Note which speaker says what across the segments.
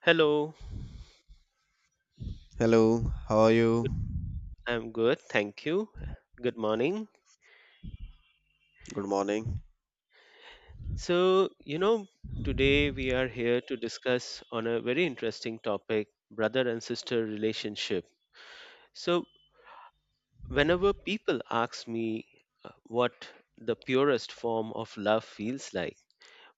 Speaker 1: Hello,
Speaker 2: Hello, how are you?
Speaker 1: good- I'm good, thank you. Good morning.
Speaker 2: Good morning.
Speaker 1: So, you know, Today we are here to discuss on a very interesting topic, brother and sister relationship. So, whenever people ask me what the purest form of love feels like,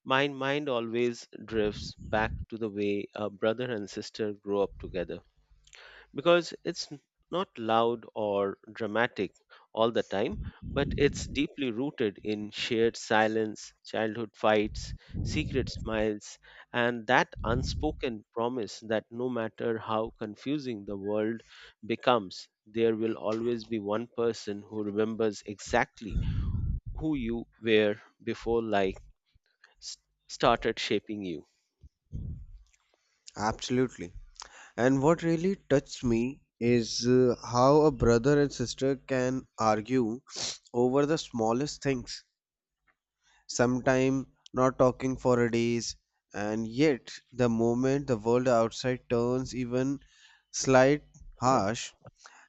Speaker 1: my mind always drifts back to the way a brother and sister grow up together. Because it's n- not loud or dramatic all the time, but it's deeply rooted in shared silence, childhood fights, secret smiles, and that unspoken promise that no matter how confusing the world becomes, there will always be one person who remembers exactly who you were before life s- started shaping you.
Speaker 2: Absolutely. And what really touched me is how a brother and sister can argue over the smallest things, sometime not talking for a days, and yet the moment the world outside turns even slight harsh,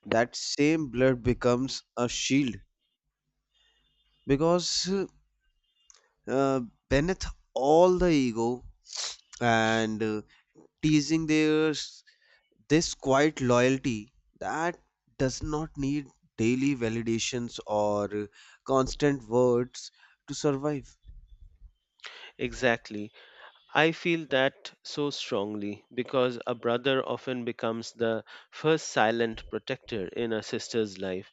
Speaker 2: that same blood becomes a shield because uh, beneath all the ego and teasing theirs this quiet loyalty that does not need daily validations or constant words to survive.
Speaker 1: Exactly. I feel that so strongly because a brother often becomes the first silent protector in a sister's life,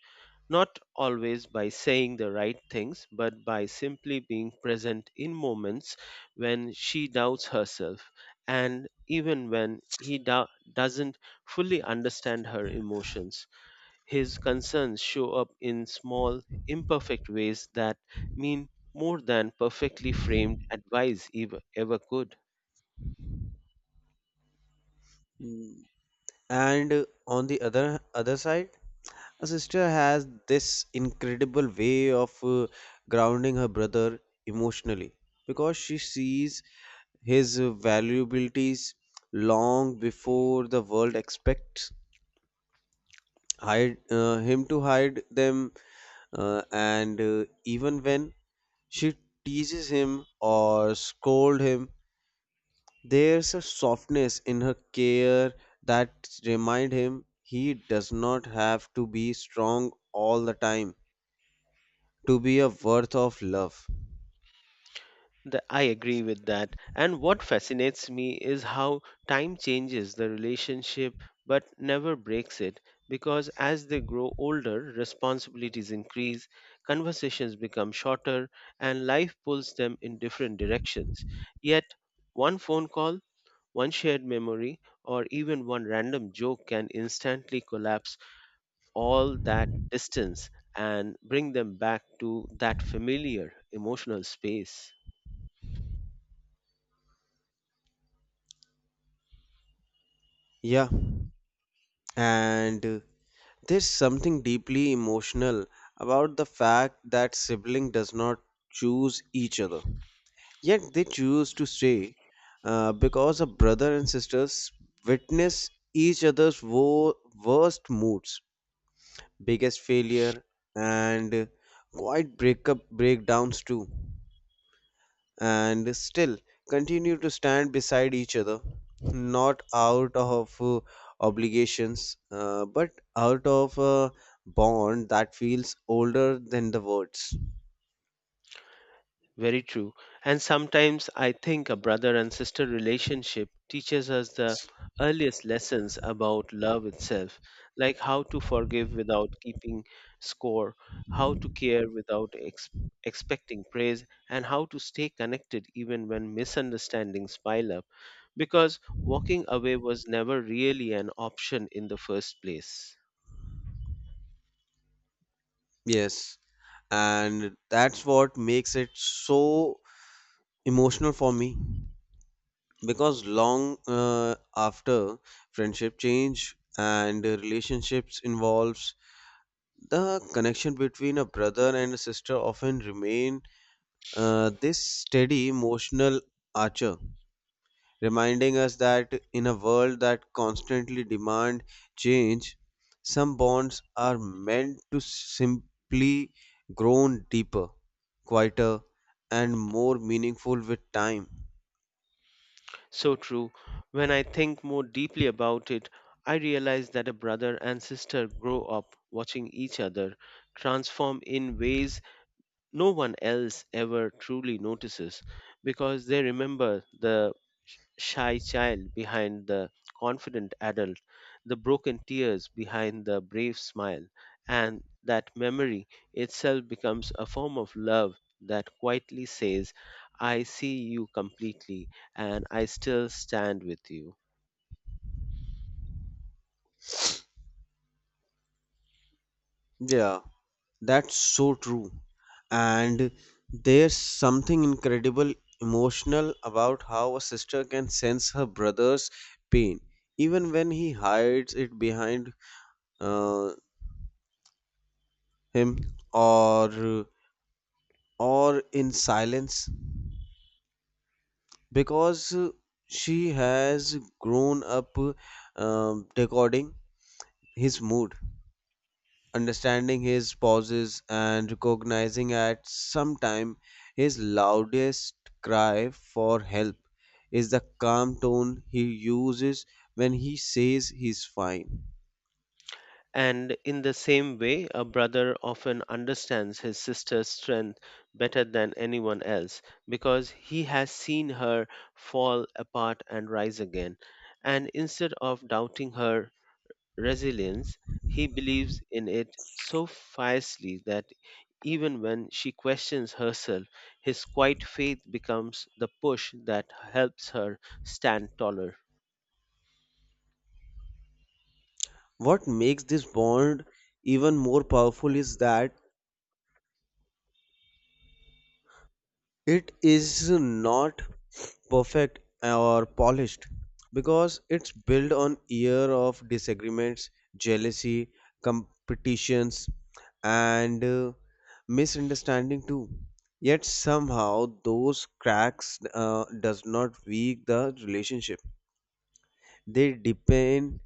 Speaker 1: not always by saying the right things, but by simply being present in moments when she doubts herself and even when he doesn't fully understand her emotions. His concerns show up in small, imperfect ways that mean more than perfectly framed advice ever could.
Speaker 2: Mm. And on the other side, a sister has this incredible way of grounding her brother emotionally because she sees his valuabilities long before the world expects hide him to hide them and even when she teases him or scolds him. There's a softness in her care that remind him he does not have to be strong all the time to be a worth of love.
Speaker 1: I agree with that. And what fascinates me is how time changes the relationship but never breaks it because as they grow older, responsibilities increase, conversations become shorter, and life pulls them in different directions. Yet, one phone call, one shared memory, or even one random joke can instantly collapse all that distance and bring them back to that familiar emotional space.
Speaker 2: Yeah, and there's something deeply emotional about the fact that sibling does not choose each other. Yet they choose to stay because a brother and sisters witness each other's worst moods, biggest failure, and quite breakup breakdowns too, and still continue to stand beside each other not out of obligations, but out of a bond that feels older than the words.
Speaker 1: Very true. And sometimes I think a brother and sister relationship teaches us the earliest lessons about love itself, like how to forgive without keeping score, how to care without expecting praise, and how to stay connected even when misunderstandings pile up, because walking away was never really an option in the first place.
Speaker 2: Yes, and that's what makes it so emotional for me because long after friendship change and relationships involves, the connection between a brother and a sister often remain this steady emotional archer, reminding us that in a world that constantly demand change, some bonds are meant to simply grow deeper, quieter, and more meaningful with time.
Speaker 1: So true. When I think more deeply about it, I realize that a brother and sister grow up watching each other transform in ways no one else ever truly notices because they remember the shy child behind the confident adult, the broken tears behind the brave smile, and that memory itself becomes a form of love that quietly says, I see you completely and I still stand with you.
Speaker 2: Yeah. That's so true. And there's something incredible emotional about how a sister can sense her brother's pain, even when he hides it behind uh, him or in silence, because she has grown up decoding his mood, understanding his pauses and recognizing at some time his loudest cry for help is the calm tone he uses when he says he's fine.
Speaker 1: And in the same way, a brother often understands his sister's strength better than anyone else because he has seen her fall apart and rise again. And instead of doubting her resilience, he believes in it so fiercely that even when she questions herself, his quiet faith becomes the push that helps her stand taller.
Speaker 2: What makes this bond even more powerful is that it is not perfect or polished because it's built on year of disagreements, jealousy, competitions, and misunderstanding too. Yet somehow those cracks does not weak the relationship, they deepen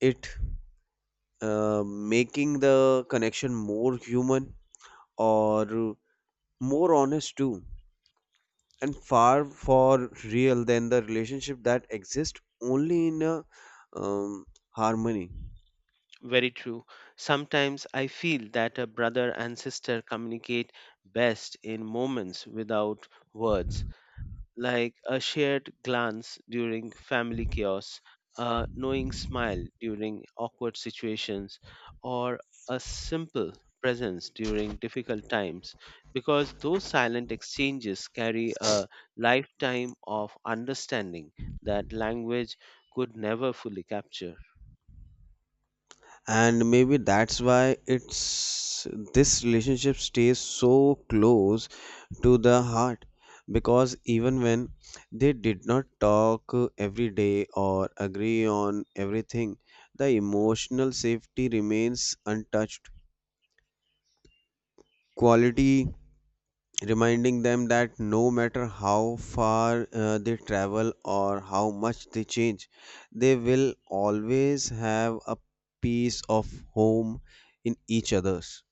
Speaker 2: it, making the connection more human or more honest too, and far for real than the relationship that exist only in a harmony.
Speaker 1: Very true. Sometimes I feel that a brother and sister communicate best in moments without words, like a shared glance during family chaos, a knowing smile during awkward situations, or a simple presence during difficult times, because those silent exchanges carry a lifetime of understanding that language could never fully capture.
Speaker 2: And maybe that's why it's this relationship stays so close to the heart, because even when they did not talk every day or agree on everything, the emotional safety remains untouched quality, reminding them that no matter how far they travel or how much they change, they will always have a piece of home in each other's.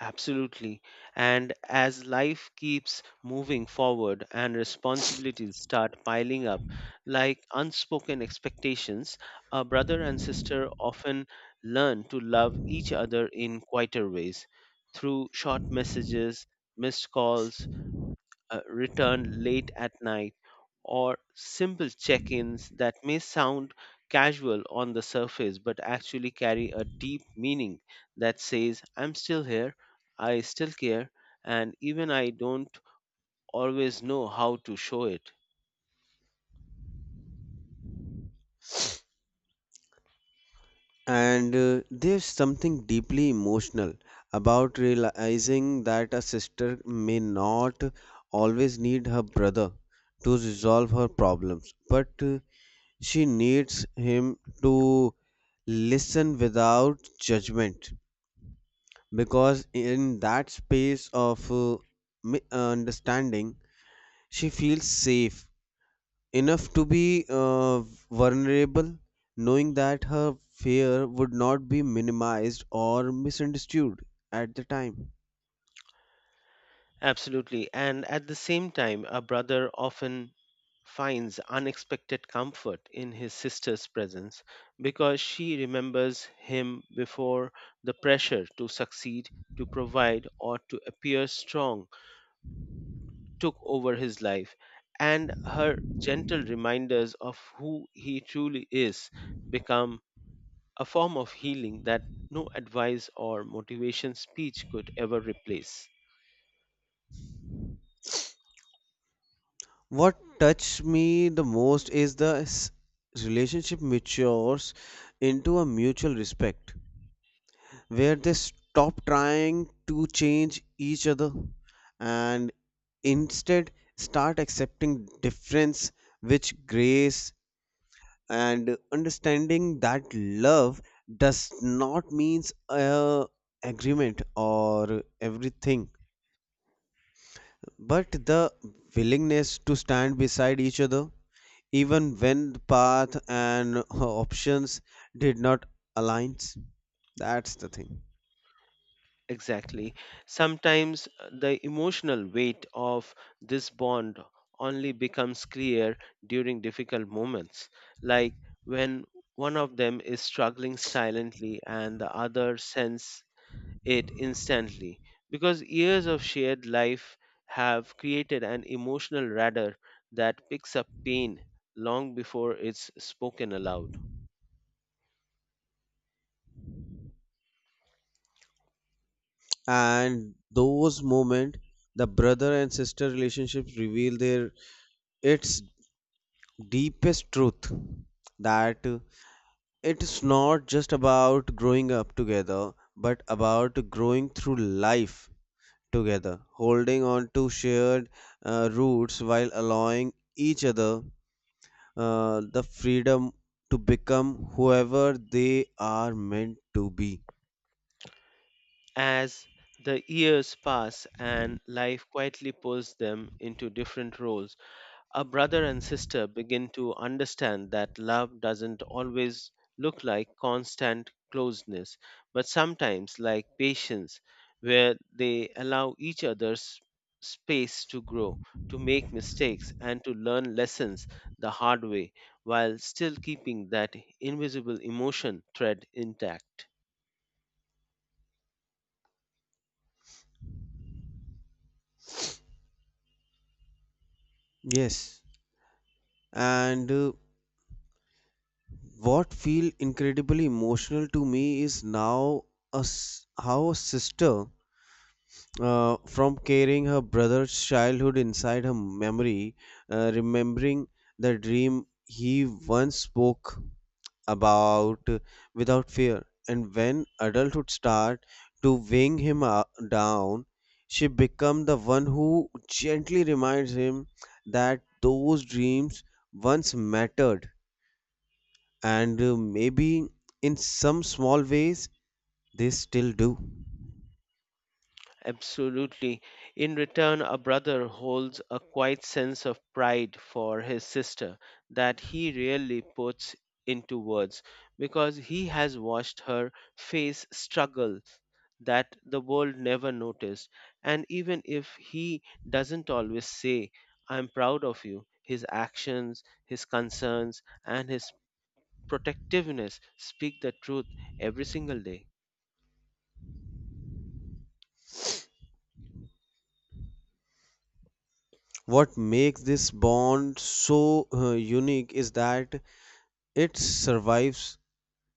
Speaker 1: Absolutely. And as life keeps moving forward and responsibilities start piling up, like unspoken expectations, a brother and sister often learn to love each other in quieter ways through short messages, missed calls, return late at night, or simple check ins that may sound casual on the surface but actually carry a deep meaning that says, I'm still here, I still care, and even I don't always know how to show it.
Speaker 2: And there's something deeply emotional about realizing that a sister may not always need her brother to resolve her problems, but she needs him to listen without judgment, because in that space of understanding she feels safe enough to be vulnerable, knowing that her fear would not be minimized or misunderstood at the time.
Speaker 1: Absolutely. And at the same time, a brother often finds unexpected comfort in his sister's presence because she remembers him before the pressure to succeed, to provide, or to appear strong took over his life. And her gentle reminders of who he truly is become a form of healing that no advice or motivation speech could ever replace.
Speaker 2: What touched me the most is relationship matures into a mutual respect where they stop trying to change each other and instead start accepting difference with grace, and understanding that love does not means a agreement or everything but the willingness to stand beside each other even when the path and options did not align. That's the thing.
Speaker 1: Exactly. Sometimes the emotional weight of this bond only becomes clear during difficult moments, like when one of them is struggling silently and the other senses it instantly, because years of shared life have created an emotional radar that picks up pain long before it's spoken aloud.
Speaker 2: And those moments the brother and sister relationships reveal their its deepest truth, that it's not just about growing up together but about growing through life together, holding on to shared roots while allowing each other the freedom to become whoever they are meant to be.
Speaker 1: As the years pass and life quietly pulls them into different roles, a brother and sister begin to understand that love doesn't always look like constant closeness, but sometimes like patience, where they allow each other's space to grow, to make mistakes, and to learn lessons the hard way, while still keeping that invisible emotion thread intact.
Speaker 2: Yes, and what feel incredibly emotional to me is now a s how a sister, from carrying her brother's childhood inside her memory, remembering the dream he once spoke about without fear, and when adulthood start to weighing him down, she become the one who gently reminds him that those dreams once mattered, and maybe in some small ways they still do.
Speaker 1: Absolutely. In return, a brother holds a quiet sense of pride for his sister that he rarely puts into words because he has watched her face struggle that the world never noticed. And even if he doesn't always say, I'm proud of you, his actions, his concerns, and his protectiveness speak the truth every single day.
Speaker 2: What makes this bond so unique is that it survives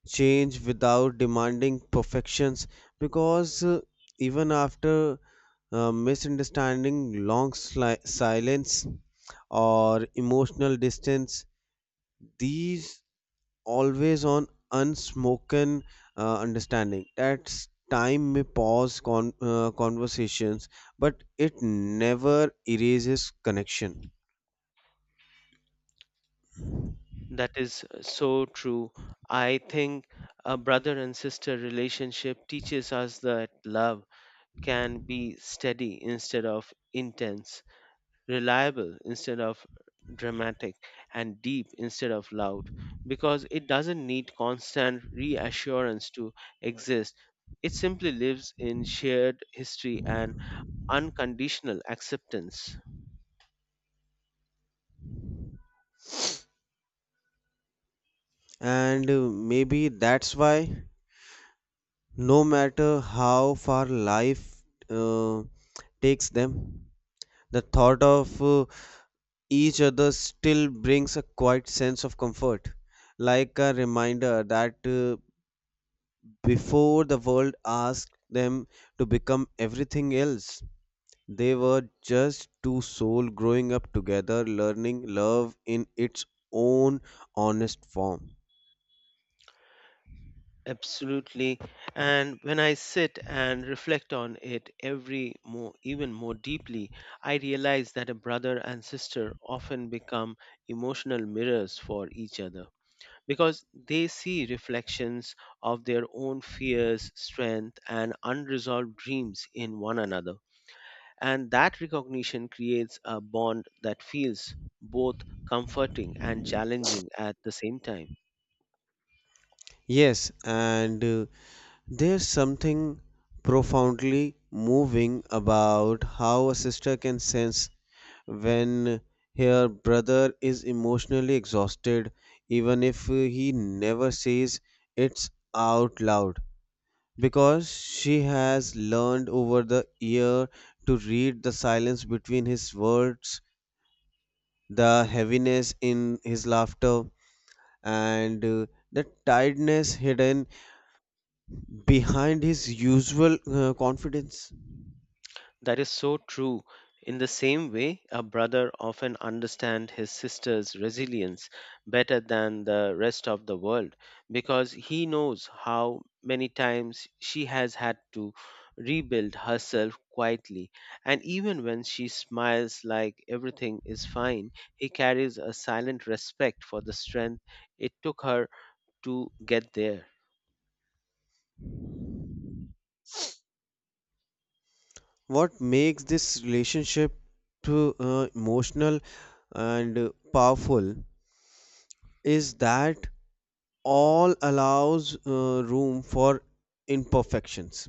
Speaker 2: change without demanding perfections, because even after misunderstanding, silence, or emotional distance, these always on unspoken understanding. That time may pause conversations, but it never erases connection.
Speaker 1: That is so true. I think a brother and sister relationship teaches us that love can be steady instead of intense, reliable instead of dramatic, and deep instead of loud, because it doesn't need constant reassurance to exist. It simply lives in shared history and unconditional acceptance.
Speaker 2: And maybe that's why, no matter how far life uh, takes them, the thought of each other still brings a quiet sense of comfort, like a reminder that before the world asked them to become everything else, they were just two souls growing up together, learning love in its own honest form.
Speaker 1: Absolutely. And when I sit and reflect on it even more deeply, I realize that a brother and sister often become emotional mirrors for each other because they see reflections of their own fears, strength, and unresolved dreams in one another. And that recognition creates a bond that feels both comforting and challenging at the same time.
Speaker 2: Yes, and there's something profoundly moving about how a sister can sense when her brother is emotionally exhausted, even if he never says it out loud, because she has learned over the year to read the silence between his words, the heaviness in his laughter, and the tiredness hidden behind his usual confidence.
Speaker 1: That is so true. In the same way, a brother often understands his sister's resilience better than the rest of the world because he knows how many times she has had to rebuild herself quietly. And even when she smiles like everything is fine, he carries a silent respect for the strength it took her to get there.
Speaker 2: What makes this relationship to emotional and powerful is that all allows room for imperfections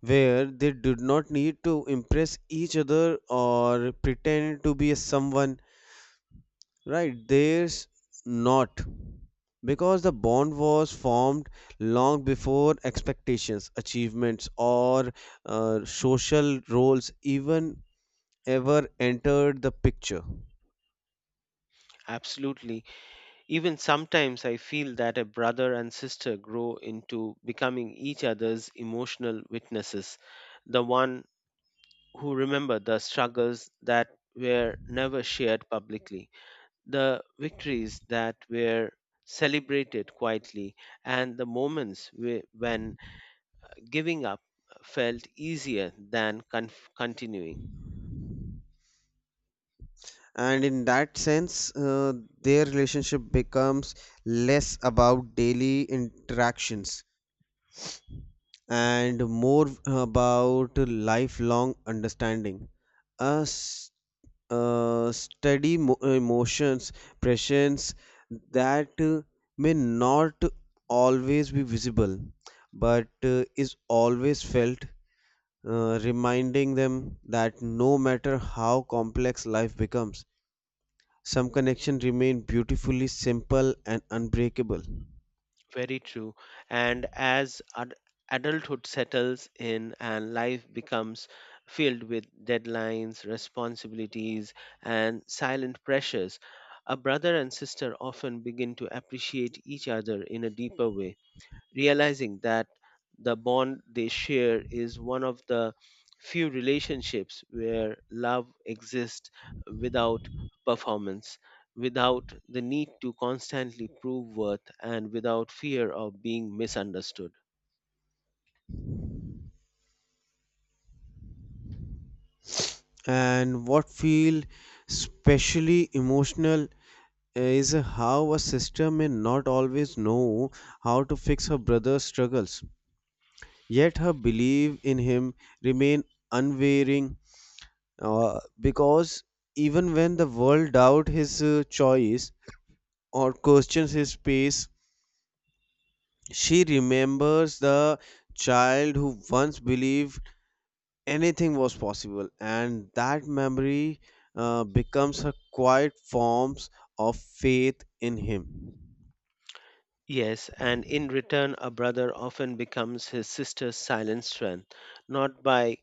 Speaker 2: where they did not need to impress each other or pretend to be a someone right there's not, because the bond was formed long before expectations, achievements, or social roles even ever entered the picture.
Speaker 1: Absolutely. Even sometimes I feel that a brother and sister grow into becoming each other's emotional witnesses, the one who remember the struggles that were never shared publicly, the victories that were celebrated quietly, and the moments when giving up felt easier than continuing.
Speaker 2: And in that sense their relationship becomes less about daily interactions and more about lifelong understanding. A steady emotions, pressures that may not always be visible, but is always felt, reminding them that no matter how complex life becomes, some connections remain beautifully simple and unbreakable.
Speaker 1: Very true. And as adulthood settles in and life becomes filled with deadlines, responsibilities, and silent pressures, a brother and sister often begin to appreciate each other in a deeper way realizing that the bond they share is one of the few relationships where love exists without performance, without the need to constantly prove worth, and without fear of being misunderstood.
Speaker 2: And what feel especially emotional is how a sister may not always know how to fix her brother's struggles, yet her belief in him remain unwavering, because even when the world doubt his choice or questions his pace, she remembers the child who once believed anything was possible, and that memory becomes her quiet forms of faith in him.
Speaker 1: Yes, and in return, a brother often becomes his sister's silent strength, not by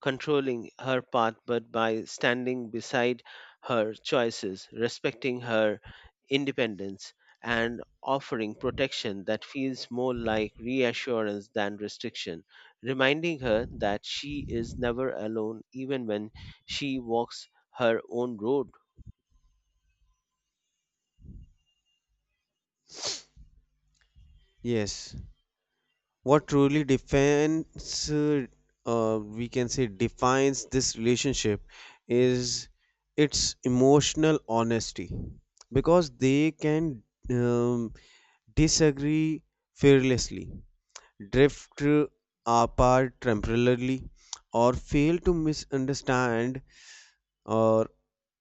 Speaker 1: controlling her path, but by standing beside her choices, respecting her independence, and offering protection that feels more like reassurance than restriction, reminding her that she is never alone even when she walks her own road.
Speaker 2: Yes. What truly defines, we can say defines this relationship, is its emotional honesty, because they can um, disagree fearlessly, drift apart temporarily, or fail to misunderstand or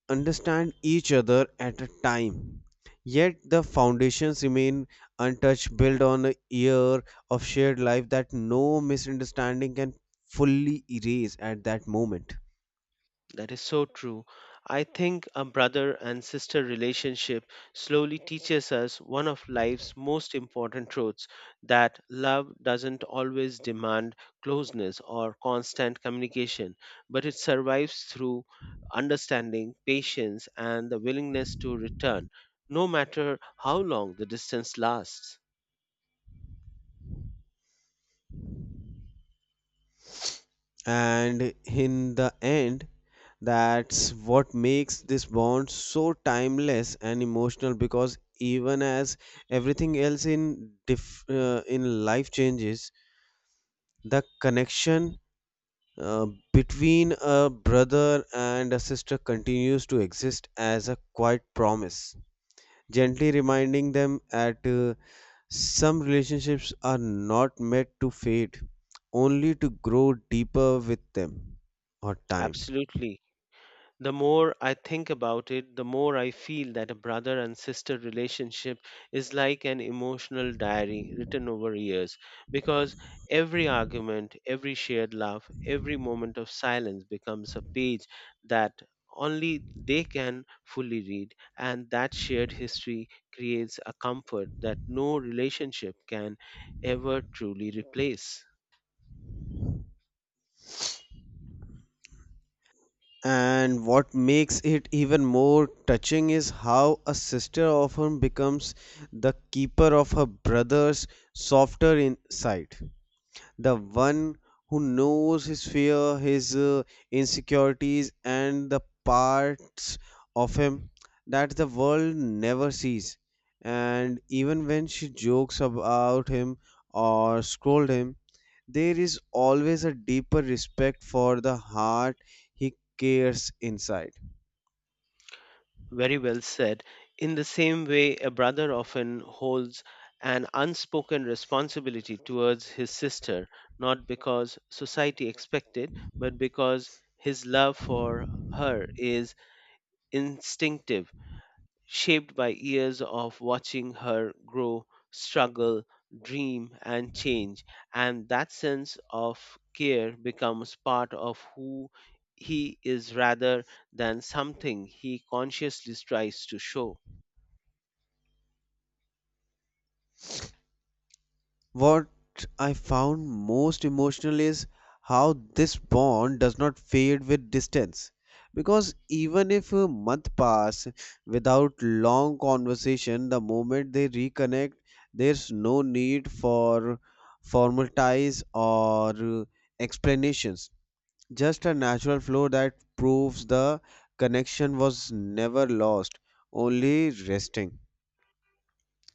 Speaker 2: understand each other at a time. Yet the foundations remain untouched, built on a year of shared life that no misunderstanding can fully erase at that moment.
Speaker 1: That is so true. I think a brother and sister relationship slowly teaches us one of life's most important truths that love doesn't always demand closeness or constant communication, but it survives through understanding, patience, and the willingness to return, no matter how long the distance lasts.
Speaker 2: And in the end, that's what makes this bond so timeless and emotional, because even as everything else in life changes, the connection uh, between a brother and a sister continues to exist as a quiet promise, gently reminding them that some relationships are not meant to fade, only to grow deeper with them or time.
Speaker 1: Absolutely. The more I think about it, the more I feel that a brother and sister relationship is like an emotional diary written over years because every argument, every shared laugh, every moment of silence becomes a page that only they can fully read, and that shared history creates a comfort that no relationship can ever truly replace.
Speaker 2: And what makes it even more touching is how a sister often becomes the keeper of her brother's softer insight, the one who knows his fear, his insecurities, and the parts of him that the world never sees. And even when she jokes about him or scold him, there is always a deeper respect for the heart he cares inside.
Speaker 1: Very well said. In the same way, a brother often holds an unspoken responsibility towards his sister, not because society expected, but because his love for her is instinctive shaped by years of watching her grow, struggle, dream, and change. And that sense of care becomes part of who he is rather than something he consciously tries to show.
Speaker 2: What I found most emotional is how this bond does not fade with distance, because even if a month pass without long conversation, the moment they reconnect, there's no need for formal ties or explanations. Just a natural flow that proves the connection was never lost, only resting.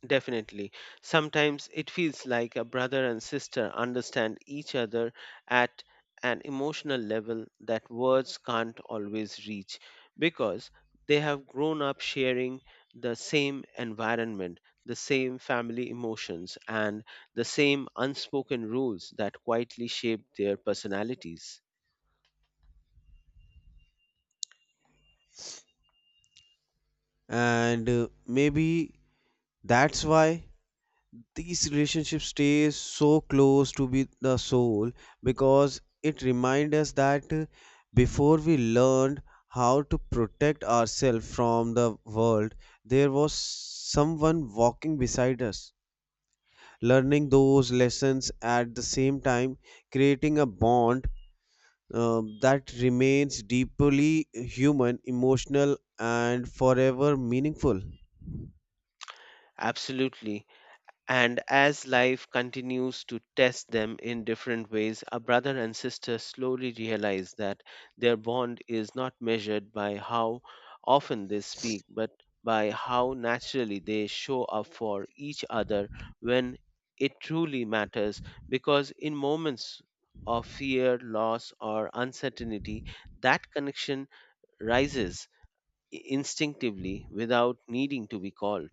Speaker 1: Definitely. Sometimes it feels like a brother and sister understand each other at an emotional level that words can't always reach because they have grown up sharing the same environment, the same family emotions, and the same unspoken rules that quietly shape their personalities.
Speaker 2: And maybe that's why these relationships stay so close to be the soul, because it reminds us that before we learned how to protect ourselves from the world, there was someone walking beside us learning those lessons at the same time, creating a bond that remains deeply human, emotional, and forever meaningful.
Speaker 1: Absolutely. And as life continues to test them in different ways, a brother and sister slowly realize that their bond is not measured by how often they speak, but by how naturally they show up for each other when it truly matters. Because in moments of fear, loss, or uncertainty, that connection rises instinctively without needing to be called.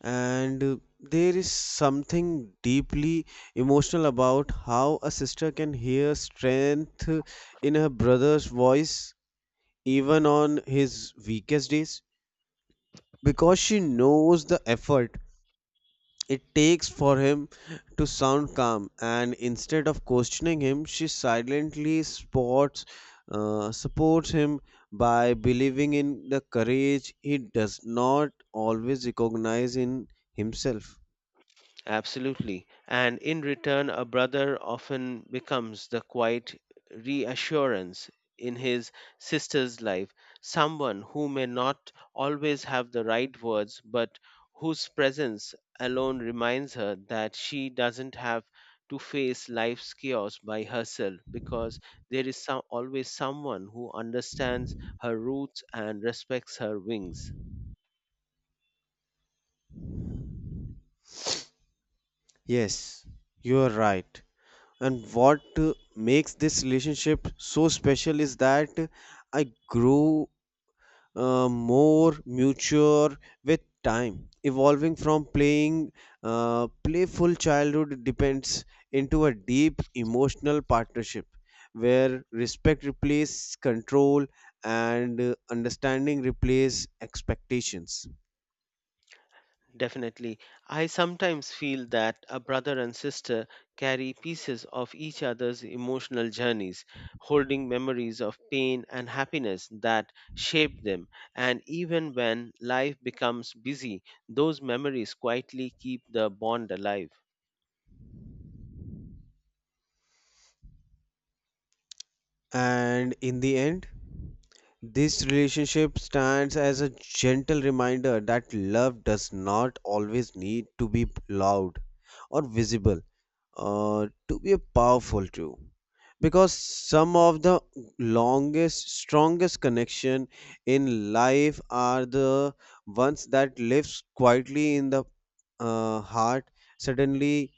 Speaker 2: And there is something deeply emotional about how a sister can hear strength in her brother's voice even on his weakest days, because she knows the effort it takes for him to sound calm, and instead of questioning him she silently sports supports him by believing in the courage he does not always recognize in himself.
Speaker 1: Absolutely. And in return, a brother often becomes the quiet reassurance in his sister's life, someone who may not always have the right words, but whose presence alone reminds her that she doesn't have to face life's chaos by herself because there is always someone who understands her roots and respects her wings.
Speaker 2: Yes, you are right. And what makes this relationship so special is that I grew more mature with time, evolving from playing playful childhood depends into a deep emotional partnership where respect replaces control, and understanding replaces expectations.
Speaker 1: Definitely. I sometimes feel that a brother and sister carry pieces of each other's emotional journeys, holding memories of pain and happiness that shaped them. And even when life becomes busy, those memories quietly keep the bond alive.
Speaker 2: And in the end, this relationship stands as a gentle reminder that love does not always need to be loud or visible to be powerful too. Because some of the longest, strongest connection in life are the ones that lives quietly in the heart, suddenly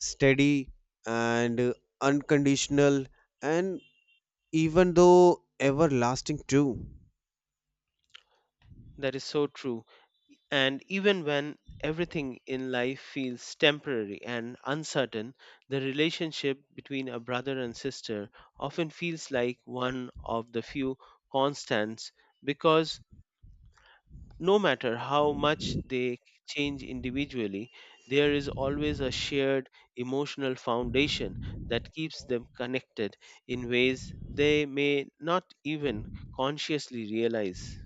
Speaker 2: steady, and unconditional, and even though everlasting too.
Speaker 1: That is so true. And even when everything in life feels temporary and uncertain, the relationship between a brother and sister often feels like one of the few constants because no matter how much they change individually, there is always a shared emotional foundation that keeps them connected in ways they may not even consciously realize.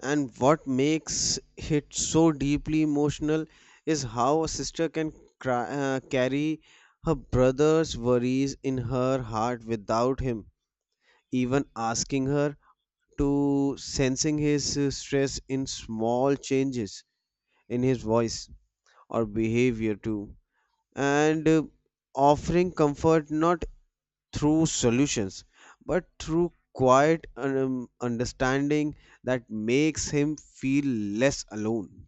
Speaker 2: And what makes it so deeply emotional is how a sister can carry her brother's worries in her heart without him even asking her to, sensing his stress in small changes in his voice or behavior too, and offering comfort not through solutions, but through quiet understanding that makes him feel less alone.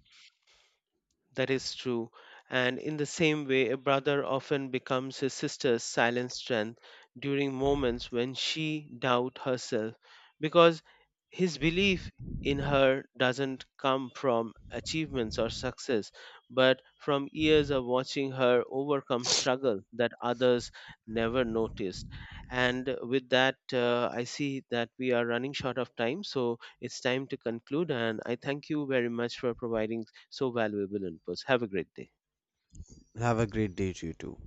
Speaker 1: That is true. And in the same way, a brother often becomes his sister's silent strength during moments when she doubts herself because his belief in her doesn't come from achievements or success, but from years of watching her overcome struggle that others never noticed. And with that, I see that we are running short of time, so it's time to conclude. And I thank you very much for providing so valuable inputs. Have a great day.
Speaker 2: Have a great day to you too.